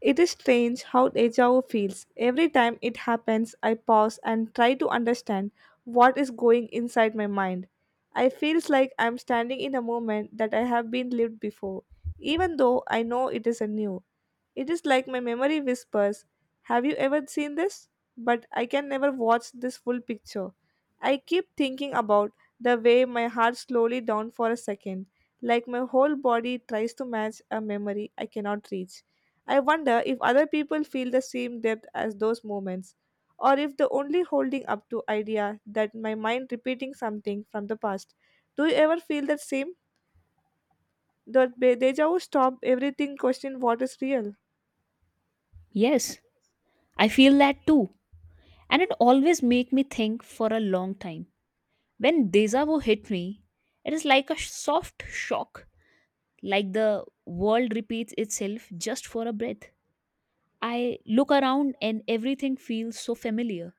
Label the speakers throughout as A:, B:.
A: It is strange how deja vu feels. Every time it happens, I pause and try to understand what is going inside my mind. I feels like I'm standing in a moment that I have been lived before, even though I know it is a new. It is like my memory whispers, "Have you ever seen this?" But I can never watch this full picture. I keep thinking about the way my heart slowly down for a second, like my whole body tries to match a memory I cannot reach. I wonder if other people feel the same depth as those moments, or if the only holding up to idea that my mind repeating something from the past. Do you ever feel that same? Deja vu stop everything question what is real?
B: Yes, I feel that too. And it always make me think for a long time. When deja vu hit me, it is like a soft shock, like the world repeats itself just for a breath. I look around and everything feels so familiar,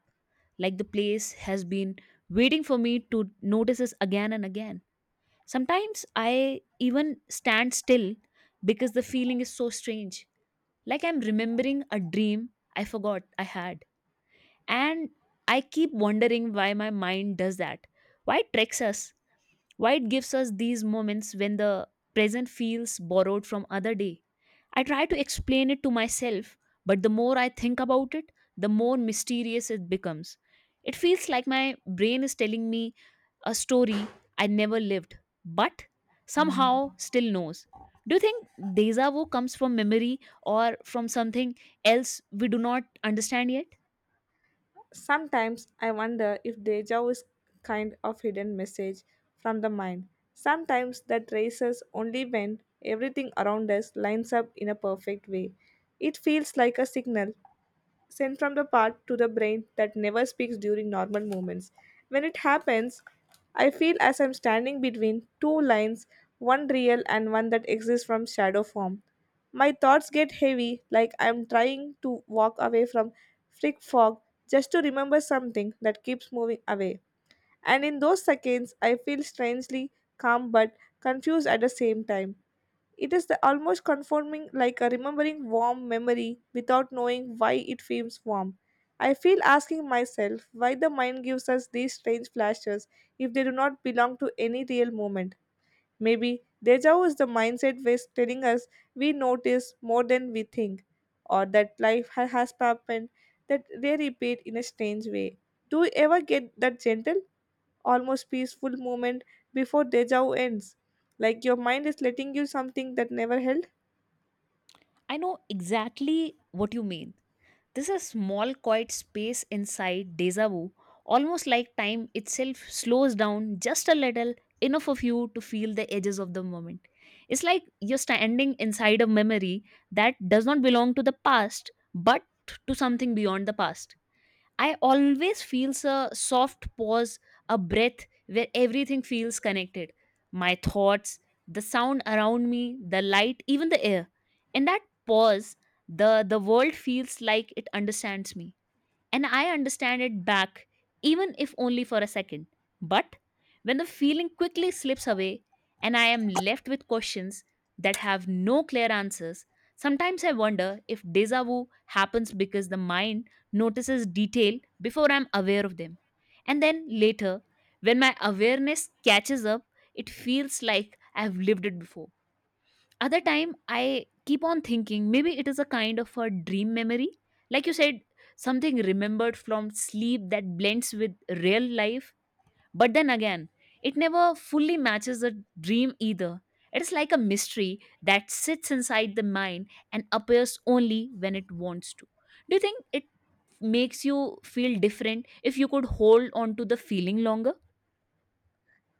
B: like the place has been waiting for me to notice this again and again. Sometimes I even stand still because the feeling is so strange, like I'm remembering a dream I forgot I had. And I keep wondering why my mind does that. Why it tricks us? Why it gives us these moments when the present feels borrowed from other day? I try to explain it to myself, but the more I think about it, the more mysterious it becomes. It feels like my brain is telling me a story I never lived, but somehow still knows. Do you think deja vu comes from memory or from something else we do not understand yet?
A: Sometimes I wonder if deja vu is kind of hidden message from the mind. Sometimes that races only when everything around us lines up in a perfect way. It feels like a signal sent from the part to the brain that never speaks during normal movements. When it happens, I feel as I'm standing between two lines, one real and one that exists from shadow form. My thoughts get heavy, like I'm trying to walk away from frick fog just to remember something that keeps moving away. And in those seconds, I feel strangely calm but confused at the same time. It is the almost conforming like a remembering warm memory without knowing why it feels warm. I feel asking myself why the mind gives us these strange flashes if they do not belong to any real moment. Maybe deja vu is the mindset ways telling us we notice more than we think, or that has happened that they repeat in a strange way. Do you ever get that gentle, almost peaceful moment before deja vu ends? Like your mind is letting you something that never held?
B: I know exactly what you mean. This is a small, quiet space inside deja vu, almost like time itself slows down just a little, enough of you to feel the edges of the moment. It's like you're standing inside a memory that does not belong to the past, but to something beyond the past. I always feels a soft pause, a breath where everything feels connected. My thoughts, the sound around me, the light, even the air. In that pause, the world feels like it understands me and I understand it back, even if only for a second. But when the feeling quickly slips away and I am left with questions that have no clear answers, sometimes I wonder if deja vu happens because the mind notices detail before I'm aware of them. And then later, when my awareness catches up, it feels like I've lived it before other time, I keep on thinking maybe it is a kind of a dream memory. Like you said, something remembered from sleep that blends with real life. But then again, it never fully matches a dream either. It's like a mystery that sits inside the mind and appears only when it wants to. Do you think it makes you feel different if you could hold on to the feeling longer?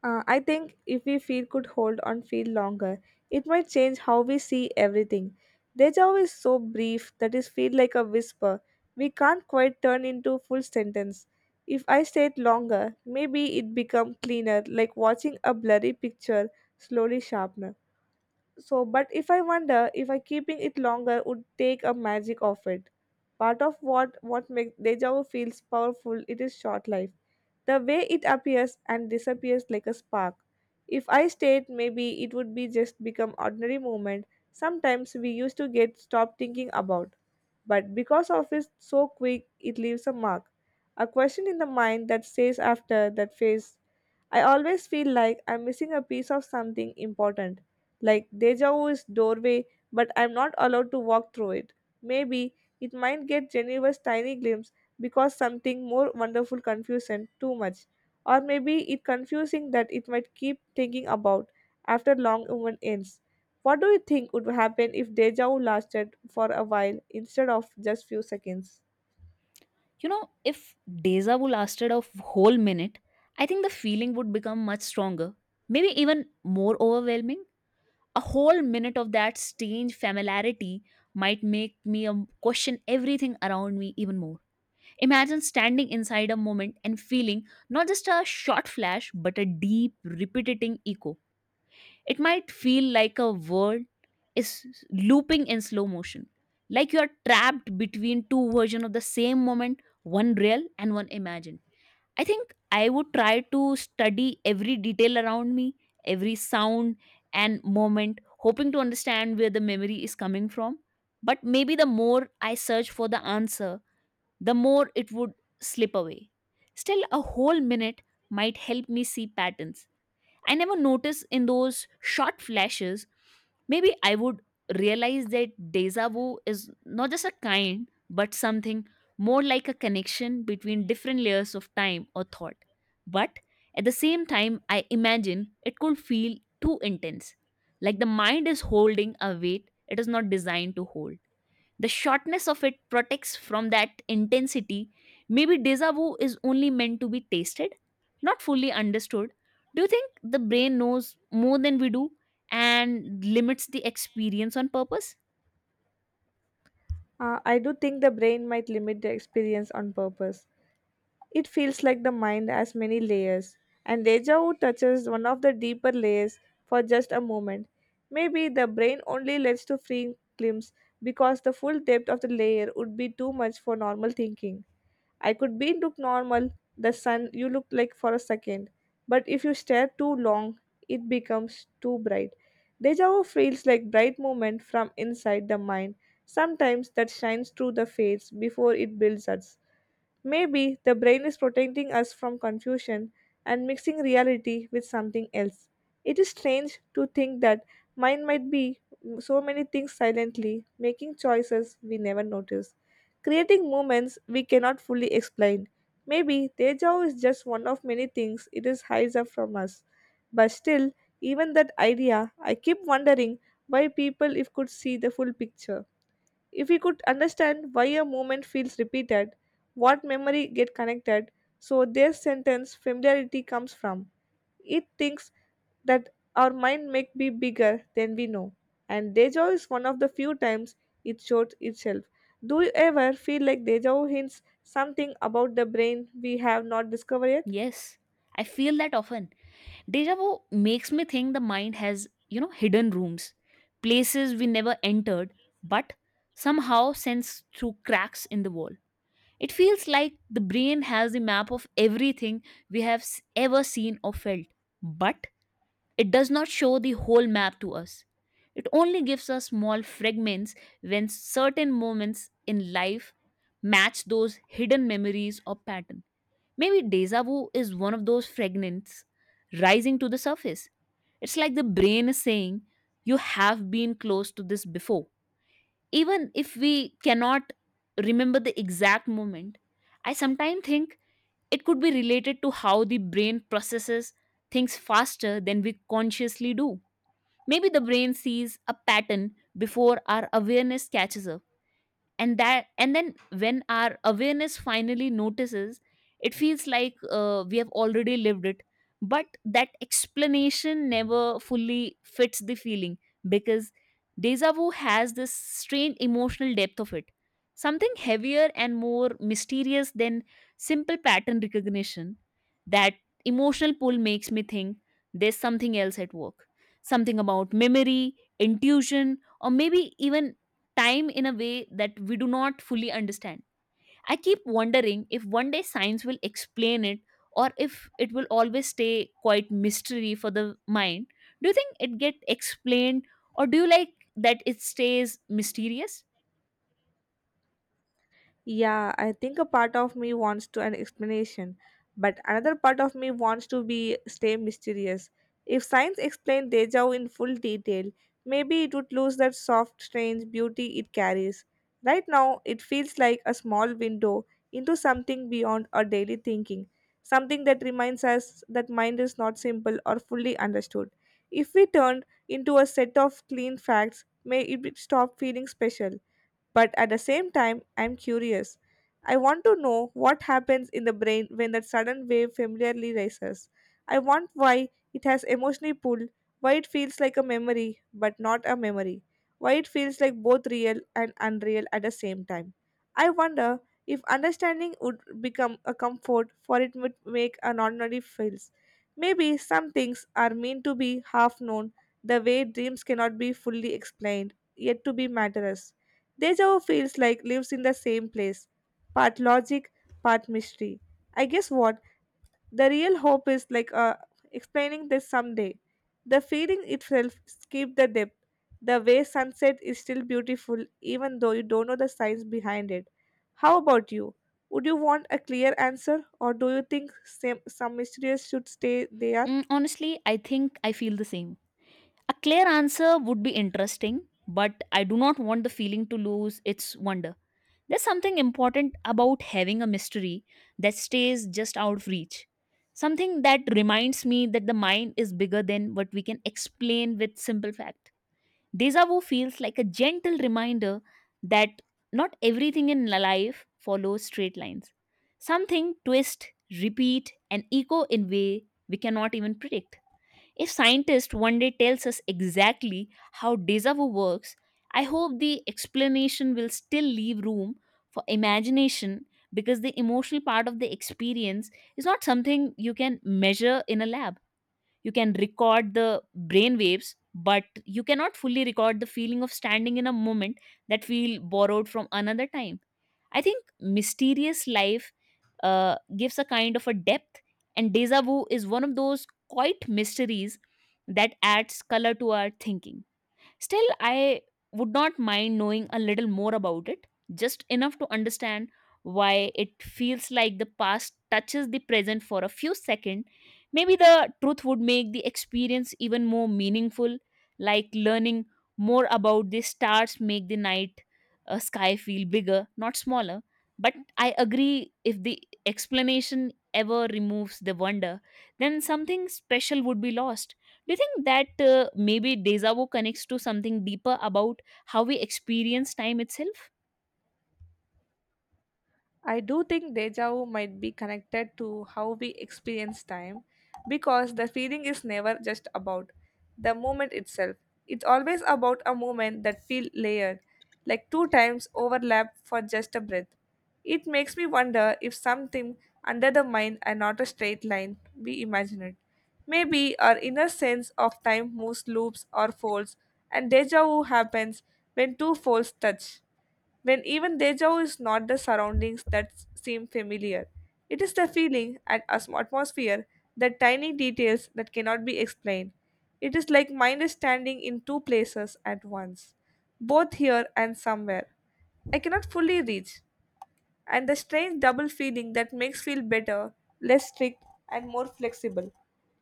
A: I think if we feel could hold on feel longer, it might change how we see everything. Deja vu is so brief that it feels like a whisper. We can't quite turn into a full sentence. If I stay it longer, maybe it become cleaner, like watching a blurry picture slowly sharpener. So, but if I wonder if I keeping it longer would take a magic of it. Part of what makes deja vu feels powerful, it is short life. The way it appears and disappears like a spark. If I stayed, maybe it would be just become ordinary moment. Sometimes we used to get stopped thinking about, but because of it's so quick, it leaves a mark, a question in the mind that stays after that phase. I always feel like I'm missing a piece of something important, like deja vu is doorway, but I'm not allowed to walk through it. Maybe it might get Genevieve's tiny glimpse because something more wonderful confused and too much, or maybe it confusing that it might keep thinking about after long woman ends. What do you think would happen if deja vu lasted for a while instead of just few seconds?
B: You know, if deja vu lasted a whole minute, I think the feeling would become much stronger, maybe even more overwhelming. A whole minute of that strange familiarity might make me question everything around me even more. Imagine standing inside a moment and feeling not just a short flash, but a deep, repeating echo. It might feel like a world is looping in slow motion, like you are trapped between two versions of the same moment, one real and one imagined. I think I would try to study every detail around me, every sound and moment, hoping to understand where the memory is coming from. But maybe the more I search for the answer, the more it would slip away. Still, a whole minute might help me see patterns I never noticed in those short flashes. Maybe I would realize that deja vu is not just a kind, but something more like a connection between different layers of time or thought. But at the same time, I imagine it could feel too intense, like the mind is holding a weight it is not designed to hold. The shortness of it protects from that intensity. Maybe deja vu is only meant to be tasted, not fully understood. Do you think the brain knows more than we do and limits the experience on purpose?
A: I do think the brain might limit the experience on purpose. It feels like the mind has many layers, and deja vu touches one of the deeper layers for just a moment. Maybe the brain only lets to free glimpse because the full depth of the layer would be too much for normal thinking. I could be look normal, the sun you look like for a second, but if you stare too long, it becomes too bright. Deja vu feels like bright moment from inside the mind, sometimes that shines through the fades before it builds us. Maybe the brain is protecting us from confusion and mixing reality with something else. It is strange to think that mind might be so many things silently, making choices we never notice, creating moments we cannot fully explain. Maybe deja vu is just one of many things it is hides up from us. But still, even that idea, I keep wondering why people if could see the full picture. If we could understand why a moment feels repeated, what memory get connected, so their sentence familiarity comes from. It thinks that our mind may be bigger than we know. And deja vu is one of the few times it shows itself. Do you ever feel like deja vu hints something about the brain we have not discovered yet?
B: Yes, I feel that often. Deja vu makes me think the mind has, you know, hidden rooms, places we never entered, but somehow sends through cracks in the wall. It feels like the brain has a map of everything we have ever seen or felt, but it does not show the whole map to us. It only gives us small fragments when certain moments in life match those hidden memories or pattern. Maybe deja vu is one of those fragments rising to the surface. It's like the brain is saying, You have been close to this before. Even if we cannot remember the exact moment, I sometimes think it could be related to how the brain processes things faster than we consciously do. Maybe the brain sees a pattern before our awareness catches up, and that and then when our awareness finally notices, it feels like we have already lived it. But that explanation never fully fits the feeling, because deja vu has this strange emotional depth of it, something heavier and more mysterious than simple pattern recognition. That emotional pull makes me think there's something else at work, something about memory, intuition, or maybe even time in a way that we do not fully understand. I keep wondering if one day science will explain it or if it will always stay quite mystery for the mind. Do you think it get explained, or do you like that it stays mysterious?
A: Yeah, I think a part of me wants to an explanation, but another part of me wants to be stay mysterious. If science explained deja vu in full detail, maybe it would lose that soft, strange beauty it carries. Right now, it feels like a small window into something beyond our daily thinking, something that reminds us that mind is not simple or fully understood. If we turned into a set of clean facts, stop feeling special. But at the same time, I'm curious. I want to know what happens in the brain when that sudden wave familiarly rises. I want why it has emotionally pulled, why it feels like a memory but not a memory, why it feels like both real and unreal at the same time. I wonder if understanding would become a comfort for it would make an ordinary feels. Maybe some things are meant to be half known, the way dreams cannot be fully explained, yet to be matterers. Deja vu feels like lives in the same place, part logic, part mystery. I guess what the real hope is like explaining this someday. The feeling itself keep the depth. The way sunset is still beautiful even though you don't know the science behind it. How about you? Would you want a clear answer or do you think same, some mysteries should stay there?
B: Mm, honestly, I think I feel the same. A clear answer would be interesting, but I do not want the feeling to lose its wonder. There's something important about having a mystery that stays just out of reach. Something that reminds me that the mind is bigger than what we can explain with simple fact. Deja vu feels like a gentle reminder that not everything in life follows straight lines. Something twist, repeat, and echo in way we cannot even predict. If scientists one day tells us exactly how deja vu works, I hope the explanation will still leave room for imagination, because the emotional part of the experience is not something you can measure in a lab. You can record the brain waves, but you cannot fully record the feeling of standing in a moment that feel borrowed from another time. I think mysterious life gives a kind of a depth, and deja vu is one of those quite mysteries that adds color to our thinking. Still, I would not mind knowing a little more about it, just enough to understand why it feels like the past touches the present for a few seconds. Maybe the truth would make the experience even more meaningful, like learning more about the stars make the night sky feel bigger, not smaller. But I agree, if the explanation ever removes the wonder, then something special would be lost. Do you think that maybe deja vu connects to something deeper about how we experience time itself?
A: I do think deja vu might be connected to how we experience time because the feeling is never just about the moment itself. It's always about a moment that feel layered, like two times overlap for just a breath. It makes me wonder if something under the mind and not a straight line we imagine it. Maybe our inner sense of time moves loops or folds, and deja vu happens when two folds touch when even deja vu is not the surroundings that seem familiar. It is the feeling and atmosphere, the tiny details that cannot be explained. It is like mind is standing in two places at once, both here and somewhere. I cannot fully reach and the strange double feeling that makes feel better, less strict, and more flexible.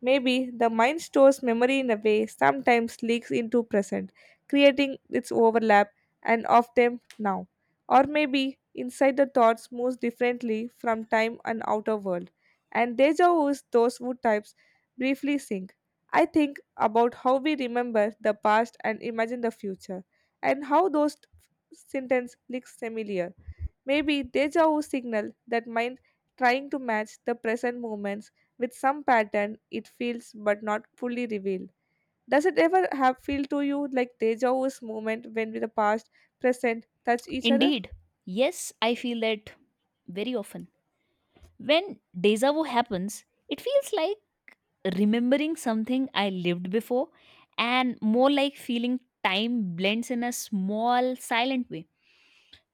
A: Maybe the mind stores memory in a way sometimes leaks into present, creating its overlap and of them now. Or maybe inside the thoughts moves differently from time and outer world, and deja vu is those who types briefly sync. I think about how we remember the past and imagine the future, and how those sentences look familiar. Maybe deja vu signal that mind trying to match the present moments with some pattern it feels but not fully revealed. Does it ever have feel to you like deja vu's moment when the past, present touch each other?
B: Indeed. Yes, I feel that very often. When deja vu happens, it feels like remembering something I lived before, and more like feeling time blends in a small, silent way.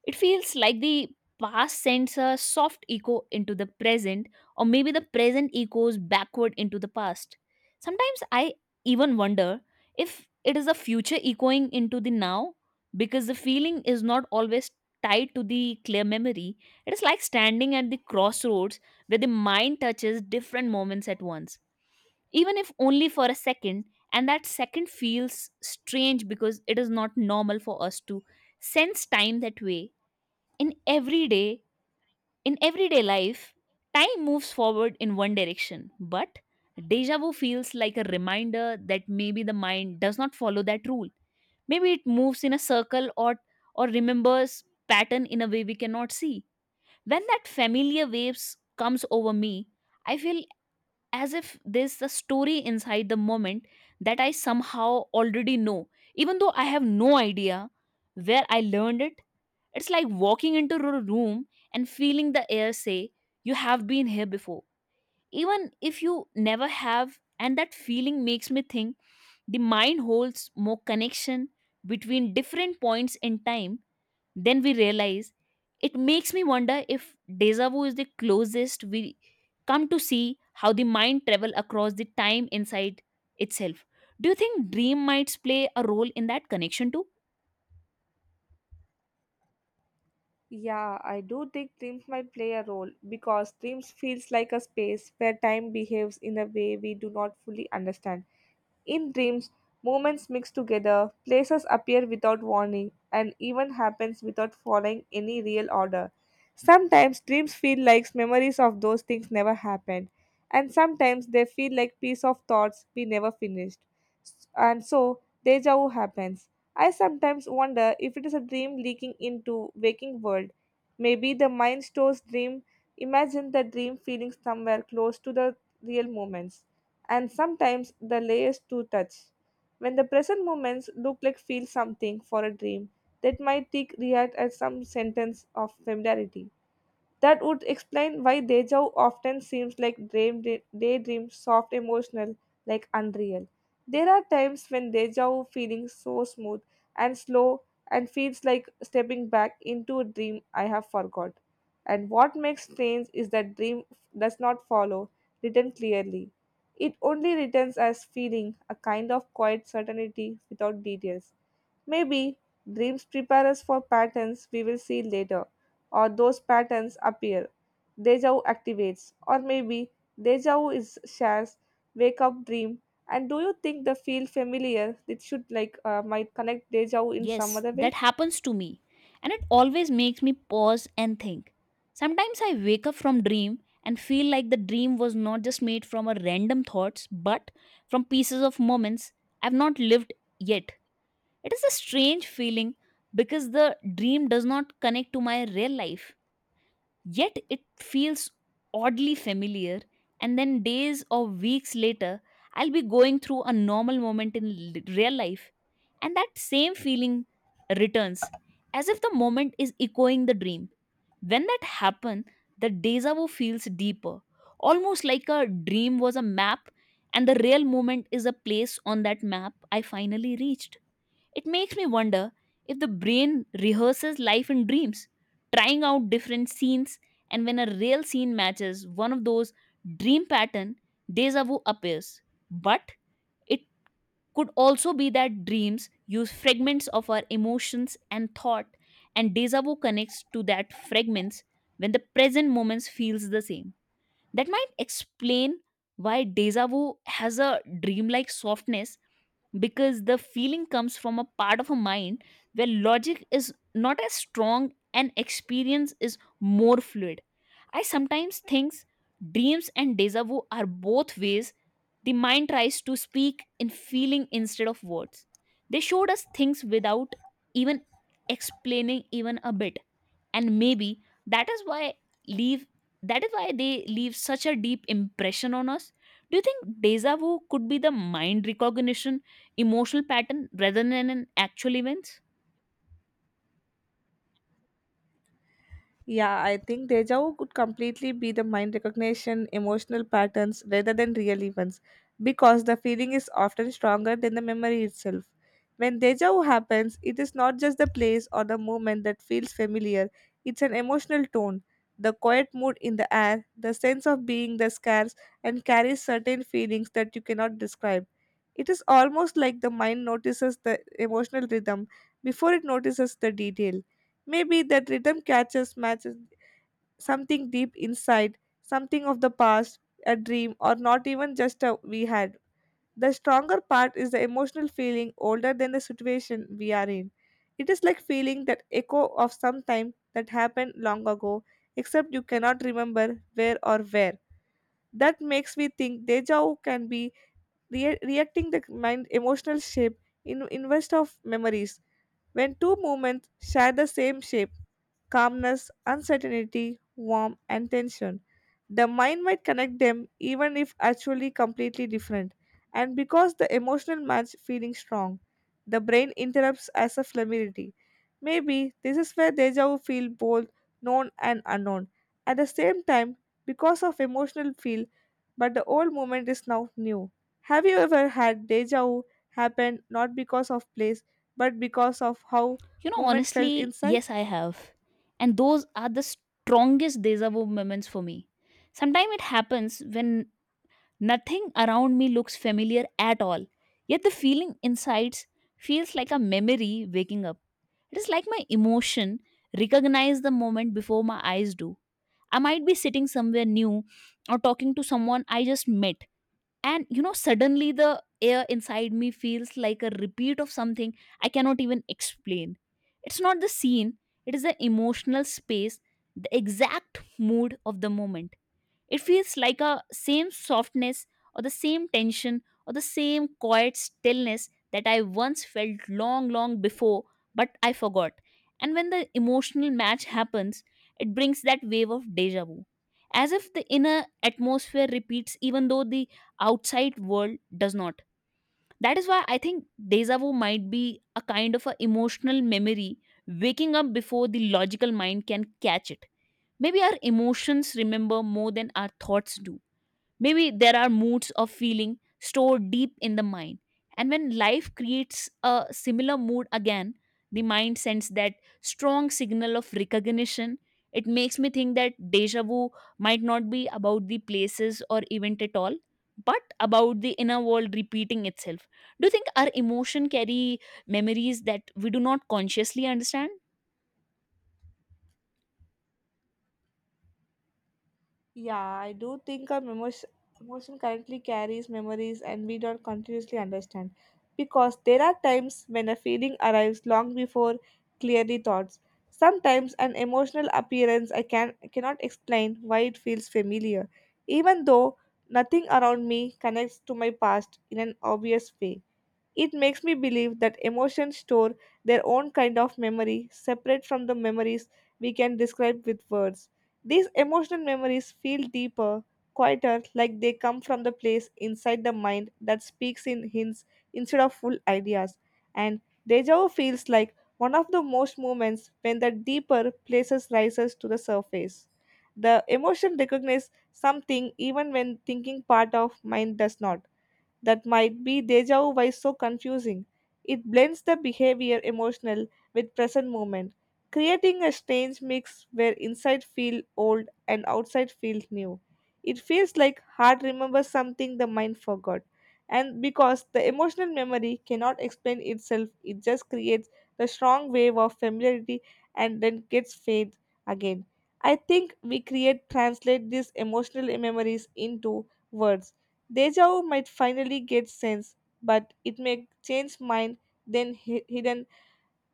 B: It feels like the past sends a soft echo into the present, or maybe the present echoes backward into the past. Sometimes I even wonder if it is the future echoing into the now, because the feeling is not always tied to the clear memory. It is like standing at the crossroads where the mind touches different moments at once, even if only for a second. And that second feels strange because it is not normal for us to sense time that way. In everyday in everyday life, time moves forward in one direction, but deja vu feels like a reminder that maybe the mind does not follow that rule. Maybe it moves in a circle, or remembers pattern in a way we cannot see. When that familiar waves comes over me, I feel as if there's a story inside the moment that I somehow already know, even though I have no idea where I learned it. It's like walking into a room and feeling the air say, You have been here before. Even if you never have, and that feeling makes me think the mind holds more connection between different points in time then we realize. It makes me wonder if deja vu is the closest we come to see how the mind travel across the time inside itself. Do you think dream might play a role in that connection too?
A: Yeah, I do think dreams might play a role because dreams feels like a space where time behaves in a way we do not fully understand. In dreams, moments mix together, places appear without warning, and even happens without following any real order. Sometimes dreams feel like memories of those things never happened, and sometimes they feel like piece of thoughts we never finished. And so, deja vu happens. I sometimes wonder if it is a dream leaking into waking world. Maybe the mind stores dream, imagine the dream feeling somewhere close to the real moments and sometimes the layers to touch. When the present moments look like feel something for a dream, that might take react as some sentence of familiarity. That would explain why deja vu often seems like dream, daydream, soft, emotional, like unreal. There are times when deja vu feeling so smooth and slow and feels like stepping back into a dream I have forgot. And what makes strange is that dream does not follow written clearly. It only returns as feeling, a kind of quiet certainty without details. Maybe dreams prepare us for patterns we will see later, or those patterns appear. Deja vu activates, or maybe deja vu is shares wake up dream. And do you think the feel familiar? It should like might connect deja vu in some
B: Yes,
A: other
B: that
A: way.
B: happens to me. And it always makes me pause and think. Sometimes I wake up from dream and feel like the dream was not just made from a random thoughts, but from pieces of moments I've not lived yet. It is a strange feeling because the dream does not connect to my real life, yet it feels oddly familiar. And then days or weeks later, I'll be going through a normal moment in real life, and that same feeling returns as if the moment is echoing the dream. When that happens, the deja vu feels deeper, almost like a dream was a map, and the real moment is a place on that map I finally reached. It makes me wonder if the brain rehearses life in dreams, trying out different scenes, and when a real scene matches one of those dream pattern, deja vu appears. But it could also be that dreams use fragments of our emotions and thought, and deja vu connects to that fragments when the present moments feels the same. That might explain why deja vu has a dreamlike softness because the feeling comes from a part of a mind where logic is not as strong and experience is more fluid. I sometimes think dreams and deja vu are both ways the mind tries to speak in feeling instead of words. They showed us things without even explaining even a bit, and maybe that is why leave they leave such a deep impression on us. Do you think deja vu could be the mind recognition emotional pattern rather than an actual event?
A: Yeah, I think deja vu could completely be the mind recognition, emotional patterns rather than real events, because the feeling is often stronger than the memory itself. When deja vu happens, it is not just the place or the moment that feels familiar, it's an emotional tone, the quiet mood in the air, the sense of being the scarce, and carries certain feelings that you cannot describe. It is almost like the mind notices the emotional rhythm before it notices the detail. Maybe that rhythm catches matches something deep inside, something of the past, a dream, or not even just a we had. The stronger part is the emotional feeling older than the situation we are in. It is like feeling that echo of some time that happened long ago, except you cannot remember where or where. That makes me think deja vu can be reacting the mind emotional shape in invest of memories when two moments share the same shape: calmness, uncertainty, warmth, and tension. The mind might connect them even if actually completely different, and because the emotional match feeling strong, the brain interrupts as a familiarity. Maybe this is where deja vu feel both known and unknown. At the same time, because of emotional feel, but the old moment is now new. Have you ever had deja vu happen not because of place, but because of how
B: You know
A: moment felt
B: honestly
A: inside?
B: yes, I have, and those are the strongest deja vu moments for me. Sometimes it happens when nothing around me looks familiar at all, yet the feeling inside feels like a memory waking up. It is like my emotion recognize the moment before my eyes do. I might be sitting somewhere new or talking to someone I just met, and suddenly the air inside me feels like a repeat of something I cannot even explain. It's not the scene, it is the emotional space, the exact mood of the moment. It feels like a same softness or the same tension or the same quiet stillness that I once felt long, long before, but I forgot. And when the emotional match happens, it brings that wave of deja vu. As if the inner atmosphere repeats, even though the outside world does not. That is why I think deja vu might be a kind of a emotional memory waking up before the logical mind can catch it. Maybe our emotions remember more than our thoughts do. Maybe there are moods of feeling stored deep in the mind. And when life creates a similar mood again, the mind sends that strong signal of recognition. It makes me think that deja vu might not be about the places or event at all, but about the inner world repeating itself. Do you think our emotion carry memories that we do not consciously understand?
A: Yeah, I do think our emotion, emotion currently carries memories and we don't continuously understand. Because there are times when a feeling arrives long before clearly thoughts. Sometimes an emotional appearance I cannot explain why it feels familiar, even though nothing around me connects to my past in an obvious way. It makes me believe that emotions store their own kind of memory, separate from the memories we can describe with words. These emotional memories feel deeper, quieter, like they come from the place inside the mind that speaks in hints instead of full ideas. And deja vu feels like one of the most moments when the deeper places rises to the surface. The emotion recognizes something even when thinking part of mind does not, that might be deja vu why so confusing. It blends the behavior emotional with present moment, creating a strange mix where inside feel old and outside feel new. It feels like heart remembers something the mind forgot. And because the emotional memory cannot explain itself, it just creates the strong wave of familiarity and then gets fade again. I think we create translate these emotional memories into words. Deja vu might finally get sense, but it may change mind then hidden,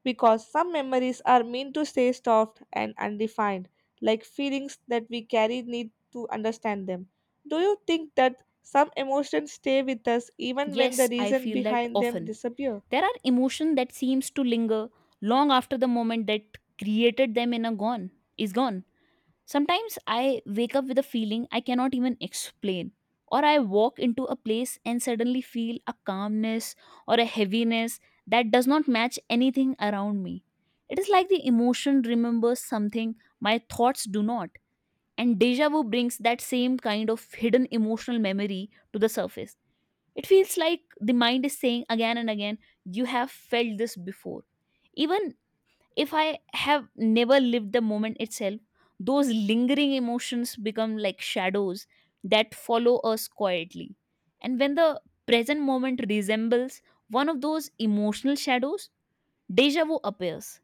A: because some memories are meant to stay soft and undefined, like feelings that we carry need to understand them. Do you think that some emotions stay with us even when the
B: Yes, I
A: reason
B: feel that
A: behind them
B: often.
A: disappear?
B: There are emotion that seems to linger long after the moment that created them in a gone is gone. Sometimes I wake up with a feeling I cannot even explain. Or I walk into a place and suddenly feel a calmness or a heaviness that does not match anything around me. It is like the emotion remembers something my thoughts do not. And deja vu brings that same kind of hidden emotional memory to the surface. It feels like the mind is saying again and again, you have felt this before. Even if I have never lived the moment itself, those lingering emotions become like shadows that follow us quietly. And when the present moment resembles one of those emotional shadows, deja vu appears.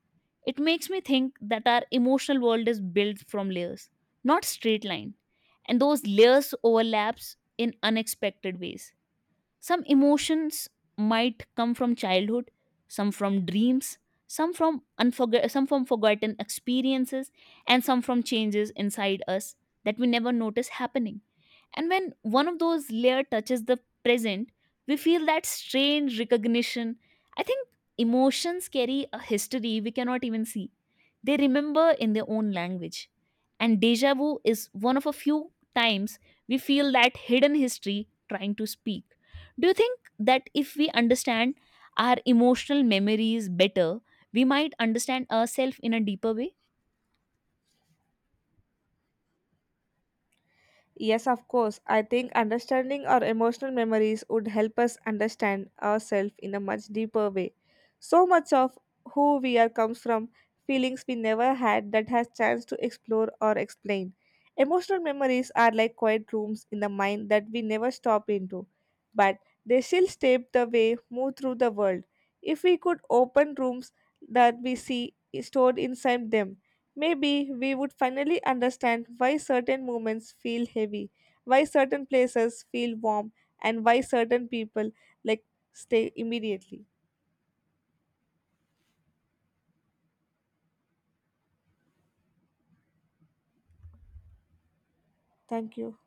B: It makes me think that our emotional world is built from layers, not straight line. And those layers overlaps in unexpected ways. Some emotions might come from childhood, some from dreams, some from forgotten experiences, and some from changes inside us that we never notice happening. And when one of those layer touches the present, we feel that strange recognition. I think emotions carry a history we cannot even see. They remember in their own language. And deja vu is one of a few times we feel that hidden history trying to speak. Do you think that if we understand our emotional memories better, we might understand ourselves in a deeper way?
A: Yes, of course. I think understanding our emotional memories would help us understand ourselves in a much deeper way. So much of who we are comes from feelings we never had that has chance to explore or explain. Emotional memories are like quiet rooms in the mind that we never stop into, but they still shape the way move through the world. If we could open rooms that we see stored inside them, maybe we would finally understand why certain moments feel heavy, why certain places feel warm, and why certain people like stay immediately. Thank you.